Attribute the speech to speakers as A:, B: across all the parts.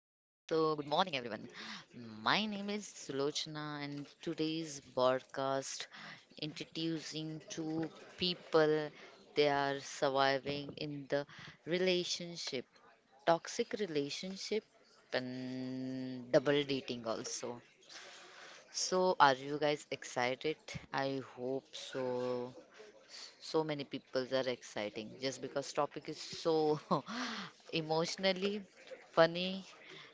A: good morning, everyone. My name is Sulochana, and today's broadcast introducing two people they are surviving in the relationship, toxic relationship, and double dating also. So, are you guys excited? I hope so. So many peoples are exciting just because topic is so emotionally funny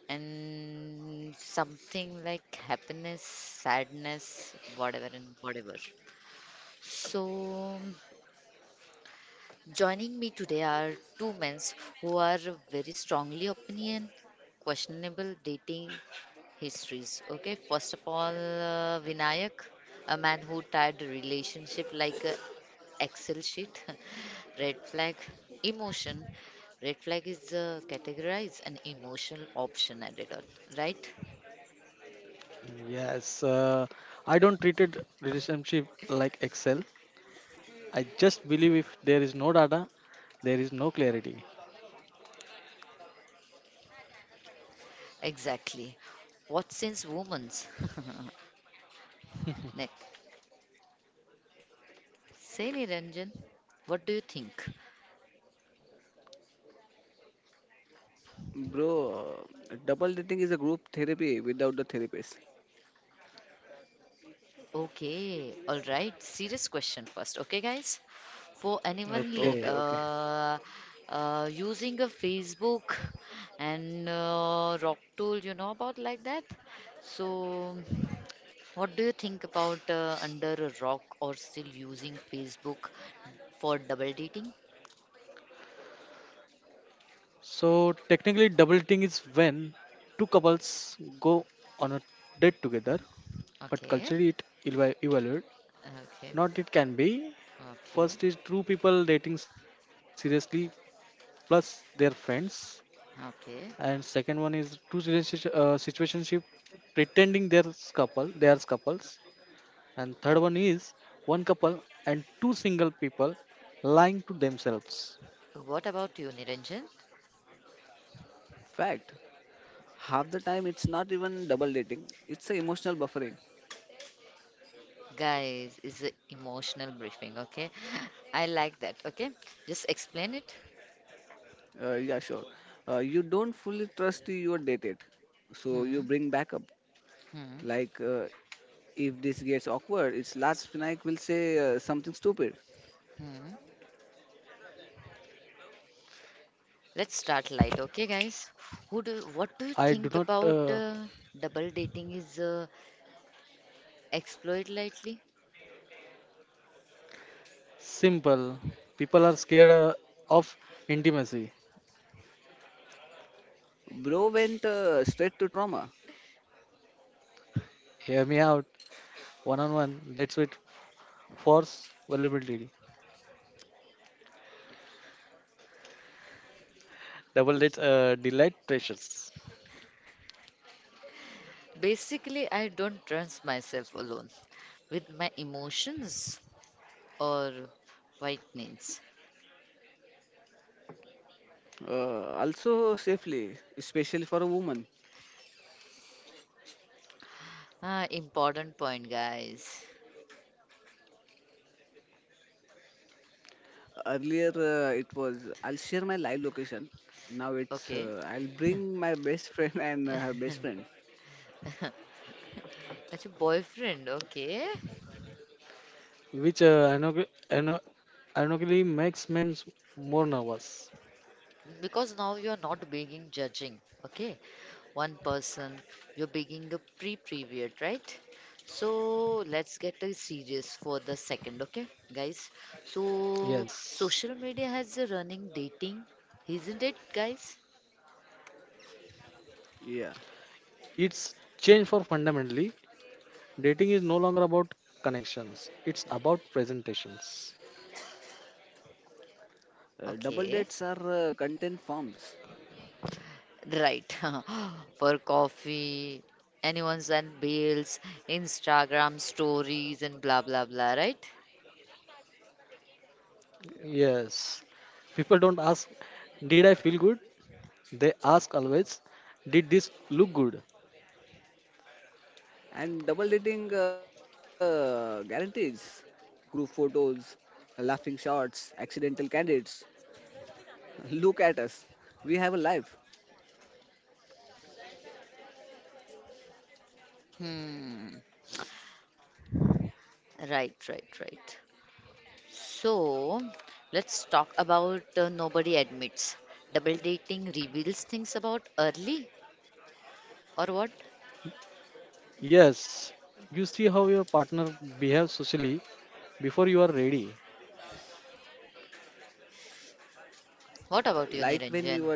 A: and something like happiness, sadness, whatever and whatever. So joining me today are two men who are very strongly opinion, questionable dating histories. Okay, first of all, Vinayak, a man who tied relationship like a Excel sheet, red flag, emotion. Red flag is categorized an emotional option added on, right?
B: Yes, I don't treated relationship like Excel. I just believe if there is no data, there is no clarity.
A: Exactly. What since women's? Next. Say Niranjan, what do you think?
C: Bro, double dating is a group therapy without the therapist.
A: Okay, all right. Serious question first, okay, guys? For anyone
C: Okay,
B: Okay,
C: okay.
A: uh, using a Facebook and Rock tool, you know about like that? So. What do you think about under a rock or still using Facebook for double dating?
B: so technically, double dating is when two couples go on a date together, but
A: Okay,
B: culturally it evaluate.
A: okay,
B: Not it can be.
A: okay,
B: First is two people dating seriously plus their friends, and
A: okay,
B: second one is two relationship situationship pretending they're couple, they are couples and third one is
A: okay.
B: one couple and two single people lying to themselves.
A: What about you, Niranjan?
C: Fact. Half the time it's not even double dating. It's a emotional buffering.
A: Guys, is a emotional briefing, okay? I like that, okay? Just explain it.
C: Yeah, sure. You don't fully trust your dated, so you
A: Hmm,
C: bring backup.
A: hmm,
C: Like if this gets awkward, its last Vinayak will say something stupid.
A: hmm. Let's start light, okay, guys? Who do? What do you
B: I do not,
A: think about
B: uh,
A: double dating is exploit lightly?
B: simple people are scared of intimacy.
C: Bro went straight to trauma.
B: Hear me out, one on one dates with force vulnerability, double dates delight precious,
A: Basically, I don't trust myself alone with my emotions or white nails?
C: Also safely, especially for a woman.
A: Ah, important point, guys.
C: Earlier it was I'll share my live location. Now it's
A: Okay.
C: I'll bring my best friend and her best friend.
A: That's your boyfriend, okay?
B: which uh, ironically ironi- ironically makes men more nervous.
A: Because now you're not being judging, okay? One person, you're being a pre period, right? So let's get serious for the second, okay, guys? So
B: Yes,
A: social media has a running dating, isn't it, guys?
C: Yeah.
B: it's changed for fundamentally. Dating is no longer about connections, it's about presentations.
C: Double
A: Okay.
C: dates are content forms
A: Right. For coffee, anyone's and bills, Instagram stories and blah blah blah, right?
B: Yes. People don't ask, did I feel good? They ask always, did this look good?
C: and double dating guarantees. Group photos, laughing shots, accidental candidates. Look at us. We have a life.
A: Hmm. Right, right. So, let's talk about nobody admits. Double dating reveals things about early or what?
B: Yes. You see how your partner behaves socially before you are ready.
C: Like
A: What about
C: when
A: you,
C: your
A: Niranjan?
C: dates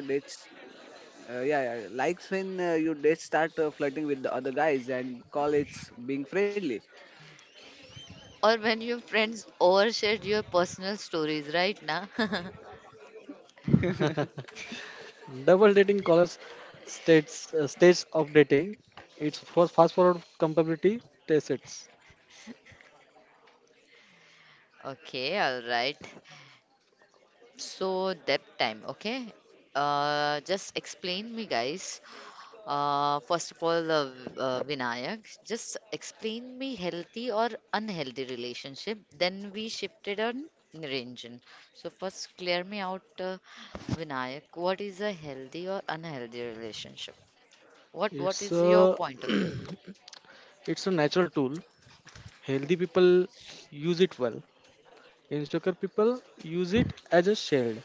C: Yeah, yeah, likes when your dates start flirting with the other guys and call it being friendly.
A: Or when your friends overshared your personal stories, right? Na? okay.
B: Double dating colors states stage of dating. It's for fast forward compatibility test it's
A: Okay, all right. So depth time, okay? Just explain me, guys. First of all, Vinayak, just explain me healthy or unhealthy relationship. Then we shifted on Niranjan. So first, clear me out, Vinayak. What is a healthy or unhealthy relationship? What
B: It's
A: is your
B: a
A: point of view?
B: it's a natural tool. Healthy people use it well. Insecure people use it as a shield,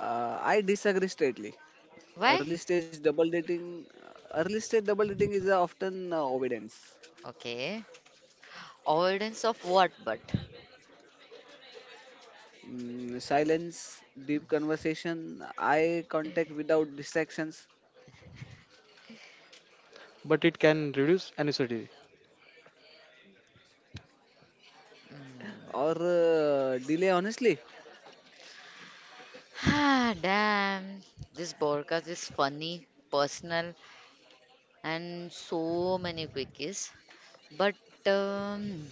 C: I disagree straightly.
A: Why?
C: Early stage double dating, Early stage double dating is often obedience,
A: Okay. Avoidance of what? But.
C: silence, deep conversation, eye contact without distractions,
B: but it can reduce anxiety.
C: or delay. Honestly,
A: Ah, damn. This podcast is funny, personal, and so many quickies. But um,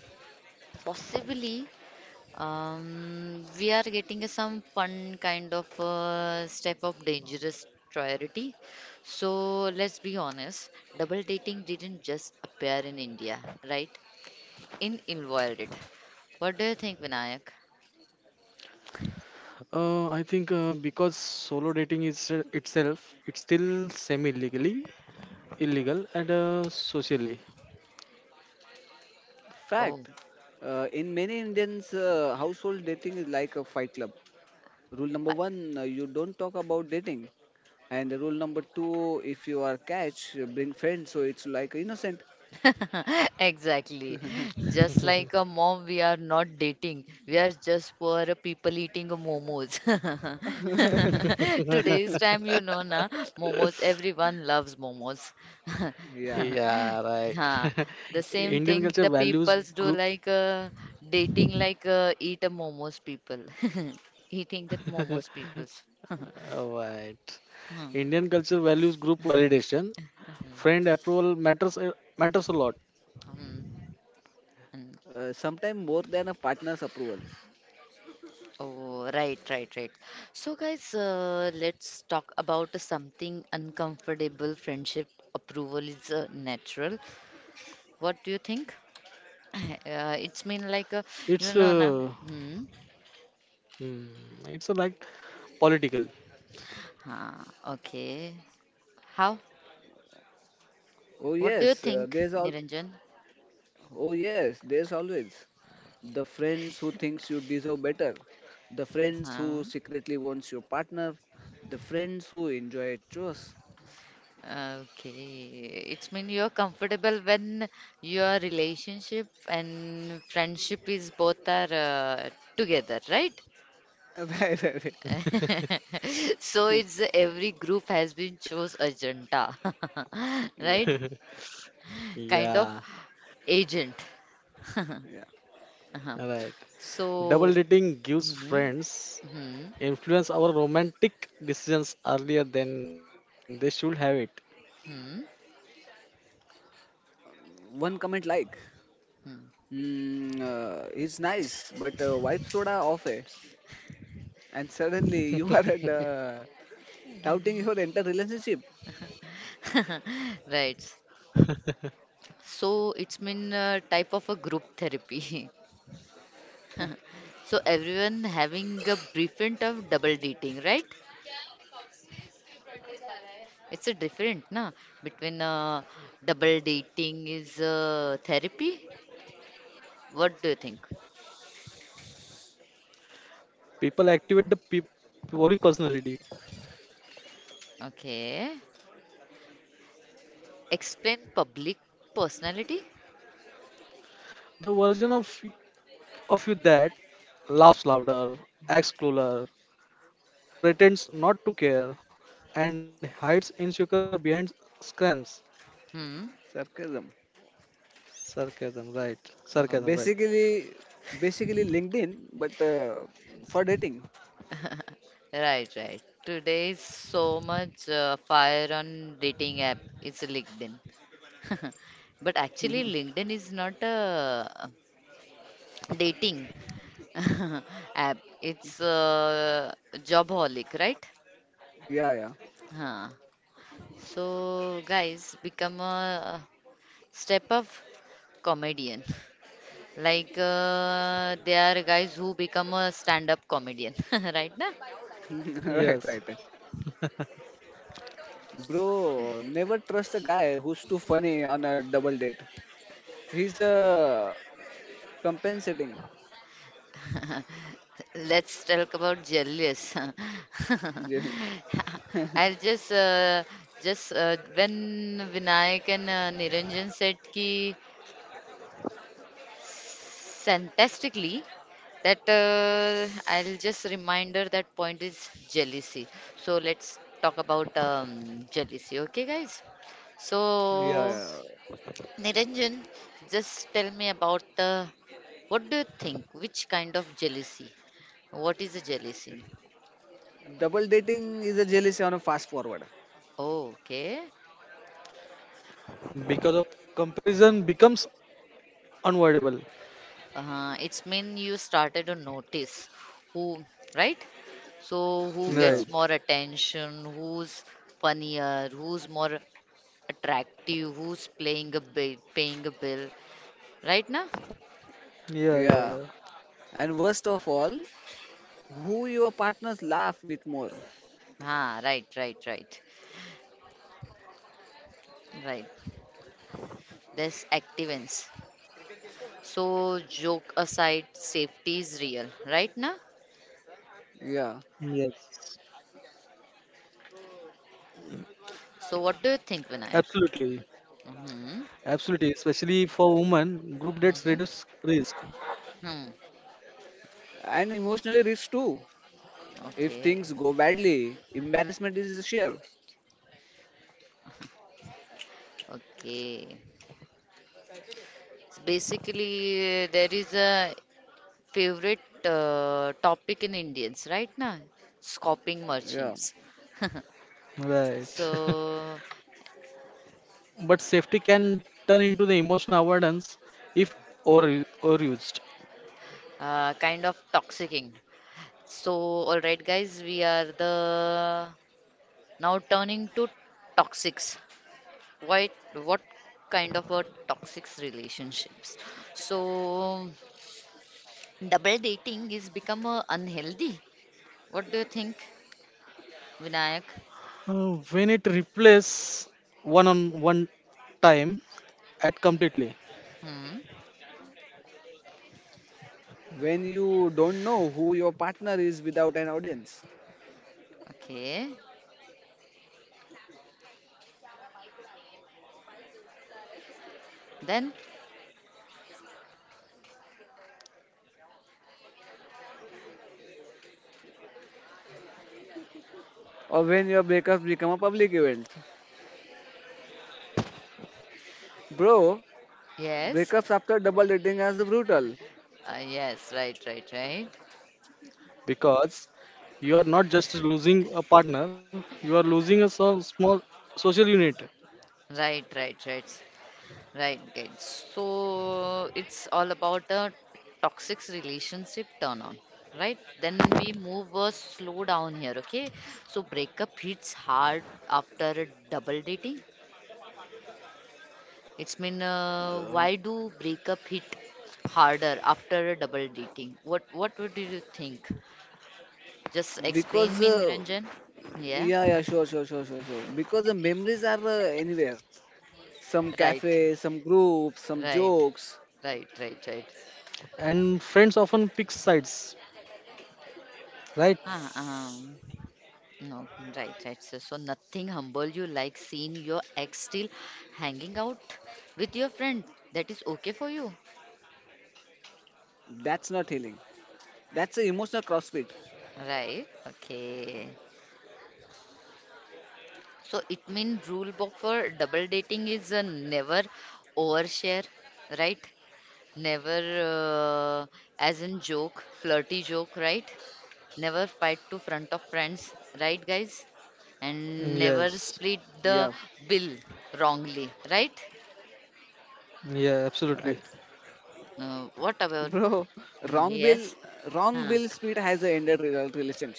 A: possibly we are getting a some fun kind of step of dangerous priority. So let's be honest, double dating didn't just appear in India, right? In invited. What do you think, Vinayak?
B: I think because solo dating is itself, it's still semi-legally illegal and socially.
A: Oh,
C: fact. In many Indians, household dating is like a fight club. Rule number one, you don't talk about dating, and rule number two, if you are catch, bring friends, so it's like innocent.
A: Exactly. Just like a mom, we are not dating. We are just poor people eating momos. Today's time, you know, na, momos, everyone loves momos.
C: Yeah,
B: Yeah, right.
A: Huh. The same
B: Indian
A: thing
B: culture
A: the
B: values
A: peoples do
B: group,
A: like dating like eat a momos people. Eating that momos peoples.
B: right.
A: Hmm.
B: Indian culture values group validation. Friend approval matters a lot.
A: Hmm.
C: sometimes more than a partner's approval.
A: Oh, right, right. So, guys, let's talk about something uncomfortable. Friendship approval is natural. What do you think? It's mean like
B: It's
A: you know na. Hmm.
B: hmm, like political.
A: Huh, okay. How?
C: Oh
A: What do you
C: yes,
A: think,
C: there's all.
A: Niranjan?
C: Oh yes, there's always the friends who thinks you deserve better, the friends
A: Huh.
C: who secretly wants your partner, the friends who enjoy chores.
A: Okay. It's mean you're comfortable when your relationship and friendship is both are together, right?
C: Right, right, right.
A: So it's every group has been chose agenda, right?
C: Yeah,
A: Kind of
B: Yeah,
A: agent.
C: yeah.
B: right.
A: Uh-huh.
B: Double
A: So,
B: dating gives
A: mhm,
B: friends
A: mhm,
B: influence our romantic decisions earlier than they should have it.
A: mhm,
C: One comment like,
A: mhm.
C: mm, he's nice, but wife soda off eh? And suddenly you are at, doubting your entire relationship.
A: Right. So it's been a type of a group therapy. So everyone having a different of double dating, right? It's a different, na? Between double dating is therapy. What do you think?
B: People activate the peop public personality.
A: Okay. Explain public personality?
B: The version of you that laughs louder, acts cooler, pretends not to care, and hides insecure behind screams.
A: Hmm.
C: Sarcasm.
B: Sarcasm, right? Sarcasm,
A: Oh,
B: right?
C: Basically, basically LinkedIn, but for dating.
A: right. Today is so much fire on dating app. It's LinkedIn. But actually, LinkedIn is not a dating app. It's a jobholic, right?
C: Yeah, yeah.
A: Huh. So, guys, become a step up comedian. Like they are guys who become a stand-up comedian, right? Na?
C: Right,
B: Yes,
C: right. Bro, never trust a guy who's too funny on a double date. He's compensating.
A: Let's talk about jealous.
C: Jeal- yeah,
A: I'll just when Vinayak and Niranjan said ki fantastically that I'll just reminder that point is jealousy. So let's talk about jealousy, okay, guys? So
B: yes.
C: yeah.
A: Niranjan, just tell me about what do you think? Which kind of jealousy? What is a jealousy?
C: Double dating is a jealousy on a fast forward.
A: Oh, okay.
B: Because of comparison becomes unavoidable.
A: It's mean you started to notice who, right? So who
C: Yeah,
A: gets
B: Right.
A: more attention? Who's funnier? Who's more attractive? Who's playing a bill, paying a bill? Right now?
B: Yeah, yeah,
C: yeah.
B: yeah.
C: And worst of all, who your partners laugh with more.
A: Ah, right, right. There's activance. So joke aside, safety is real, right now?
C: Yeah.
B: Yes.
A: So, what do you think, Vinayak?
B: Absolutely.
A: Mm-hmm.
B: Absolutely, especially for women, group dates
A: hmm
B: reduce risk.
A: Hmm.
C: And emotionally rich too. If
A: Okay.
C: things go badly, embarrassment is a share.
A: Okay. So basically, there is a favorite topic in Indians, right now, scoping
C: Yeah.
A: merchants.
B: Right.
A: So,
B: But safety can turn into the emotional avoidance if overused.
A: kind of toxicing. So, all right, guys, we are the now turning to toxics. Why? What kind of a toxic relationships? So, double dating is become unhealthy. What do you think, Vinayak?
B: When it replace one on one time at completely
A: Hmm.
C: When you don't know who your partner is without an audience.
A: Okay. Then
C: Or when your breakups become a public event. Bro,
A: yes.
C: breakups after double dating as brutal.
A: Yes. Right.
B: because you are not just losing a partner, you are losing a so small social unit.
A: Right. Right. Guys. So it's all about a toxic relationship turn on. Right. Then we move slow down here. Okay. So breakup hits hard after a double dating. It's mean
C: Uh,
A: why do breakup hit harder after a double dating? What would you think? Just explain
C: because,
A: me,
C: uh,
A: Niranjan. Yeah,
C: yeah, yeah, sure, sure, sure, sure, sure. Because the memories are anywhere. Some
A: right,
C: cafe, some group, some
A: right,
C: jokes.
A: right, right.
B: And friends often pick sides, right?
A: Ah, no, right. So, so nothing humble you like seeing your ex still hanging out with your friend. That is okay for you,
C: That's not healing. That's an emotional crossfit.
A: right? Okay. So it means rule book for double dating is never overshare, right? Never, as in joke, flirty joke, right? Never fight to front of friends, right, guys? And never
B: Yes.
C: Yeah,
A: split the bill wrongly, right?
B: Yeah,
C: right.
B: absolutely.
A: What about?
C: Bro, wrong
A: Hmm,
C: bill,
A: yes.
C: wrong bill
A: Huh.
C: speed has ended relationship.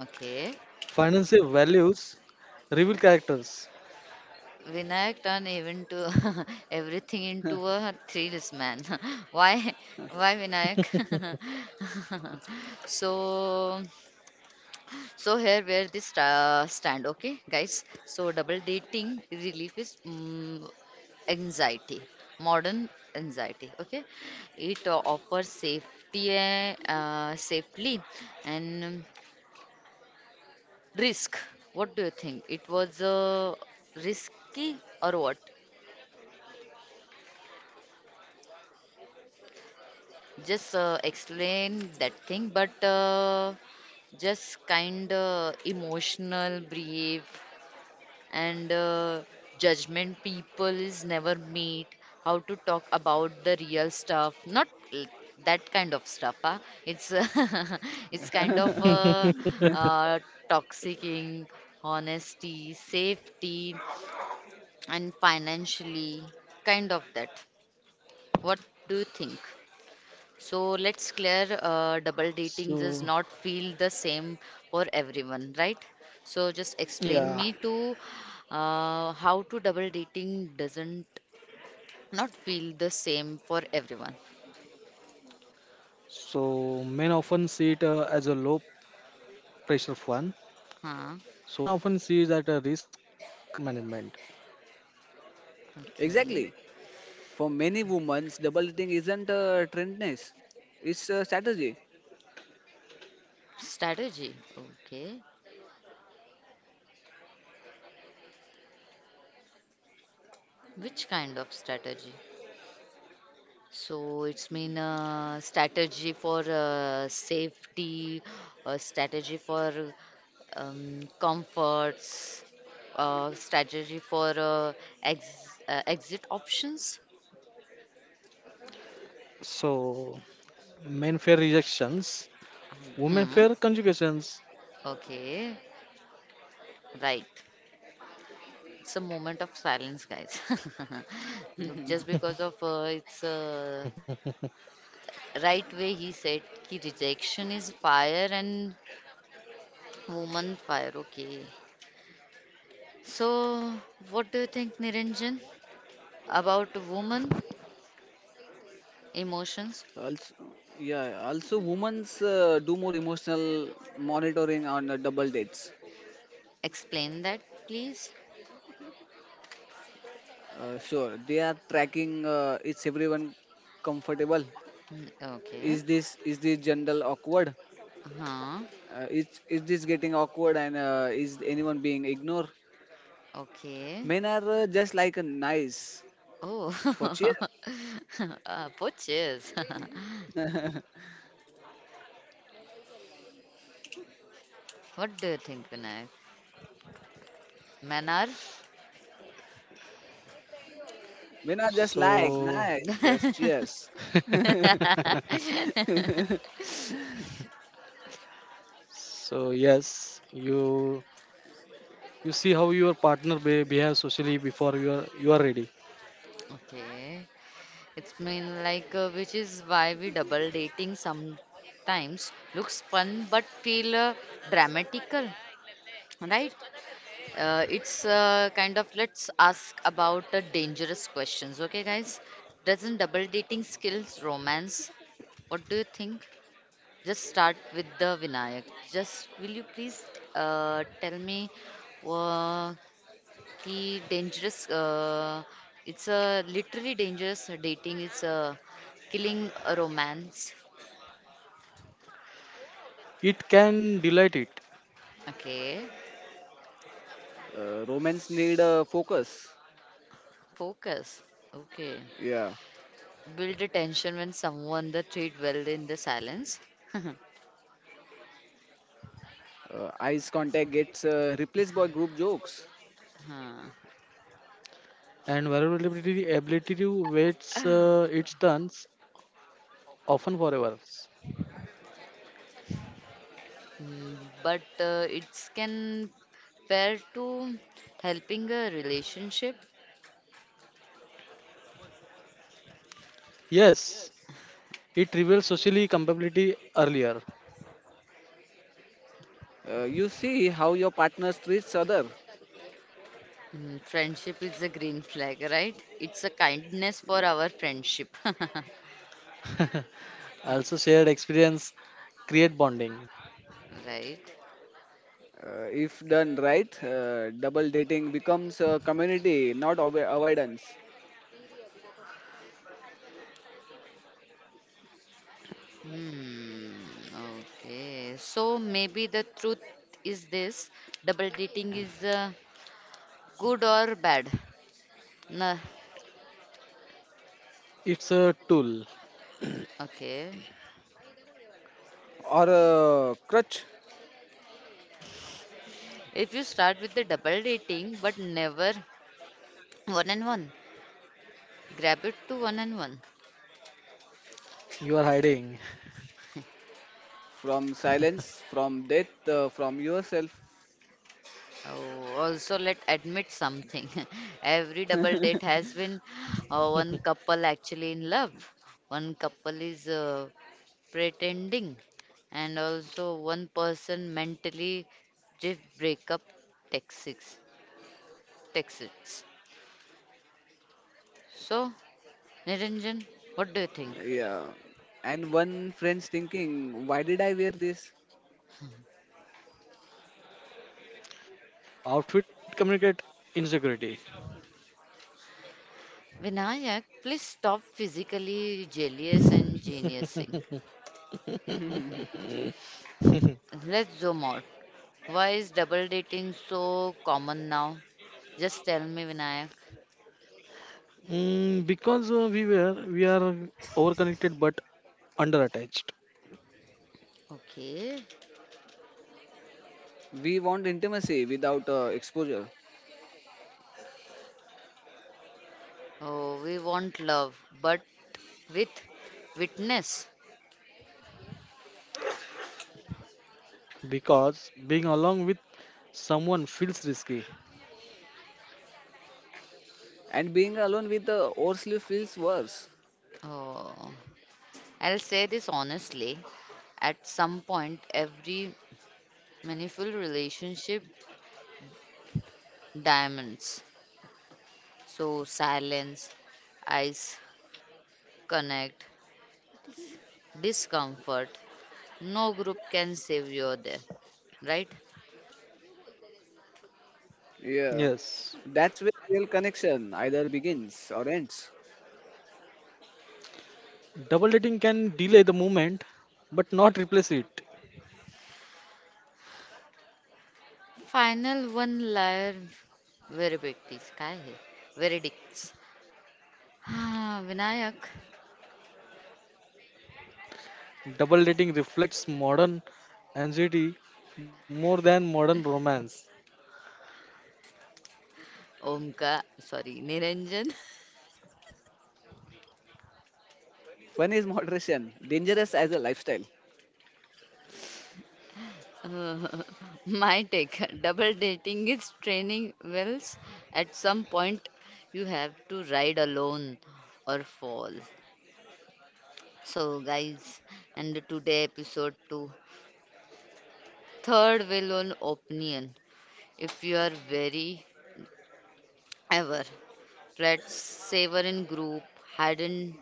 A: Okay.
B: Financial values reveal characters.
A: Vinayak turned even to everything into a thrills man. Why? Why Vinayak? so. So here where this stand, okay, guys. So double dating relief is anxiety, modern anxiety. Okay, it offers safety, eh, safely, and risk. What do you think? It was risky or what? Just explain that thing, but just kind of emotional, brief, and judgment people is never meet how to talk about the real stuff not l- that kind of stuff huh? It's it's kind of uh, toxicing honesty safety and financially kind of that what do you think so let's clear double dating does
B: So,
A: not feel the same for everyone, right? So just
C: Yeah.
A: explain
B: yeah.
A: me to how to double dating doesn't not feel the same for everyone.
B: So, men often see it as a low pressure fun.
A: Huh?
B: So, women often see it as a risk management.
C: Exactly.
A: Okay.
C: For many women, double dating isn't a trendness; it's a strategy.
A: Strategy. Okay. Which kind of strategy? So it's mean strategy for safety, strategy for comforts, strategy for exit options.
B: So, men fear rejections, women
A: Hmm.
B: fear conjugations.
A: Okay. Right. It's a moment of silence, guys. Just because of it's right way he said ki rejection is fire and woman fire. Okay. So what do you think, Niranjan? About woman emotions,
C: also, yeah. Also, women do more emotional monitoring on double dates.
A: explain that please.
C: Sure, they are tracking. Is everyone comfortable?
A: Mm, okay.
C: Is this general awkward?
A: Huh.
C: Is this getting awkward? And is anyone being ignored?
A: Okay.
C: Men are just like a nice for cheers.
A: Oh. Poaches. what do you think, Vinayak? Men are?
C: Men are just like
B: So,
C: nice, just cheers.
B: so yes, you see how your partner behaves socially before you are ready.
A: Okay. It's mean like which is why we double dating sometimes looks fun but feel dramatical, right? It's kind of let's ask about the dangerous questions, okay, guys? Doesn't double dating skills romance? What do you think? Just start with the Vinayak. Just will you please tell me uh, ki dangerous? It's a literally dangerous dating. It's a killing a romance.
B: It can delight it,
A: Okay,
C: Romance need focus.
A: focus. Okay,
C: Yeah.
A: build a tension when someone the treat well in the silence.
C: Eyes contact gets replaced by group jokes.
A: Huh.
B: and vulnerability ability to waits its turns often forever.
A: Mm, but it's can pair to helping a relationship.
B: Yes, it reveals socially compatibility earlier.
C: You see how your partner treats other.
A: Mm, friendship is a green flag, right? It's a kindness for our friendship,
B: Also, shared experience create bonding.
A: right?
C: If done right, double dating becomes a community, not avoidance
A: Hmm. Okay. So maybe the truth is this: double dating is good or bad? Nah.
B: It's a tool
A: Okay.
C: or a crutch
A: If you start with the double dating, but never one and one, grab it to one and one.
B: you are hiding.
C: from silence, from death, from yourself.
A: Oh, also let admit something. Every double date has been one couple actually in love, one couple is pretending, and also one person mentally just breakup texts. Texts. So, Niranjan, what do you think?
C: Yeah. And one friend's thinking, why did I wear this?
B: Oh, outfit communicate insecurity.
A: Vinayak, please stop physically jealous and geniusing.
C: We
A: Let's zoom out. Why is double dating so common now? Just tell me, Vinayak.
B: Mm, because we are overconnected but underattached.
A: Okay.
C: want intimacy without exposure.
A: Oh, we want love, but with witness.
B: Because being along with someone feels risky.
C: And being alone with the Orsley feels worse.
A: Oh, I'll say this honestly. At some point, every meaningful relationship diamonds. So silence, eyes, connect, discomfort. No group can save you there, right?
C: Yeah,
B: Yes,
C: that's where real connection either begins or ends.
B: double dating can delay the moment, but not replace it.
A: Final one layer. Verdict काय है? Verdicts. हाँ, Vinayak
B: Double dating reflects modern anxiety more than modern romance.
A: Omka, sorry, Niranjan.
C: Fun is moderation, dangerous as a lifestyle.
A: Uh, my take double dating is training wheels. At some point, you have to ride alone or fall. So, guys, and today episode 2 third wheel on opinion. If you are very ever, let's savor in group, hidden,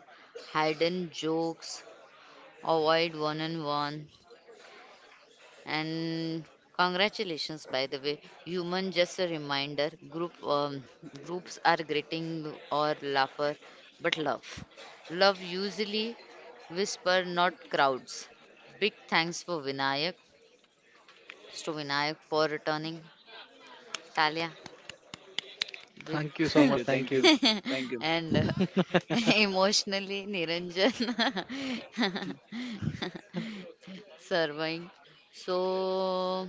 A: hidden jokes, avoid one on one, and congratulations, by the way. Human, just a reminder, group groups are greeting or laughter, but love. Love usually whisper, not crowds. Big thanks for Vinayak, to Vinayak for returning. Talia, big
B: Thank you so
C: Thank
B: much.
C: you,
B: Thank
C: thank
B: you.
C: you, Thank you.
A: and emotionally Niranjan serving. So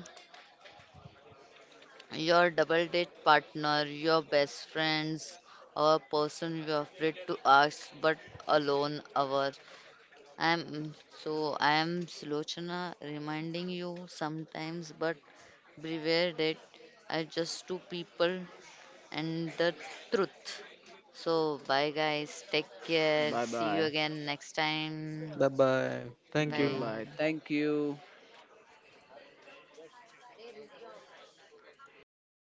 A: your double date partner, your best friends, our person you're afraid to ask but alone our I am so I am Slochana reminding you sometimes but beware that I just two people and the truth. So bye guys, take care.
C: Bye
A: See you
C: bye,
A: again next time.
B: Bye bye. Thank
C: Bye
B: you.
C: bye.
A: Bye.
C: Thank you.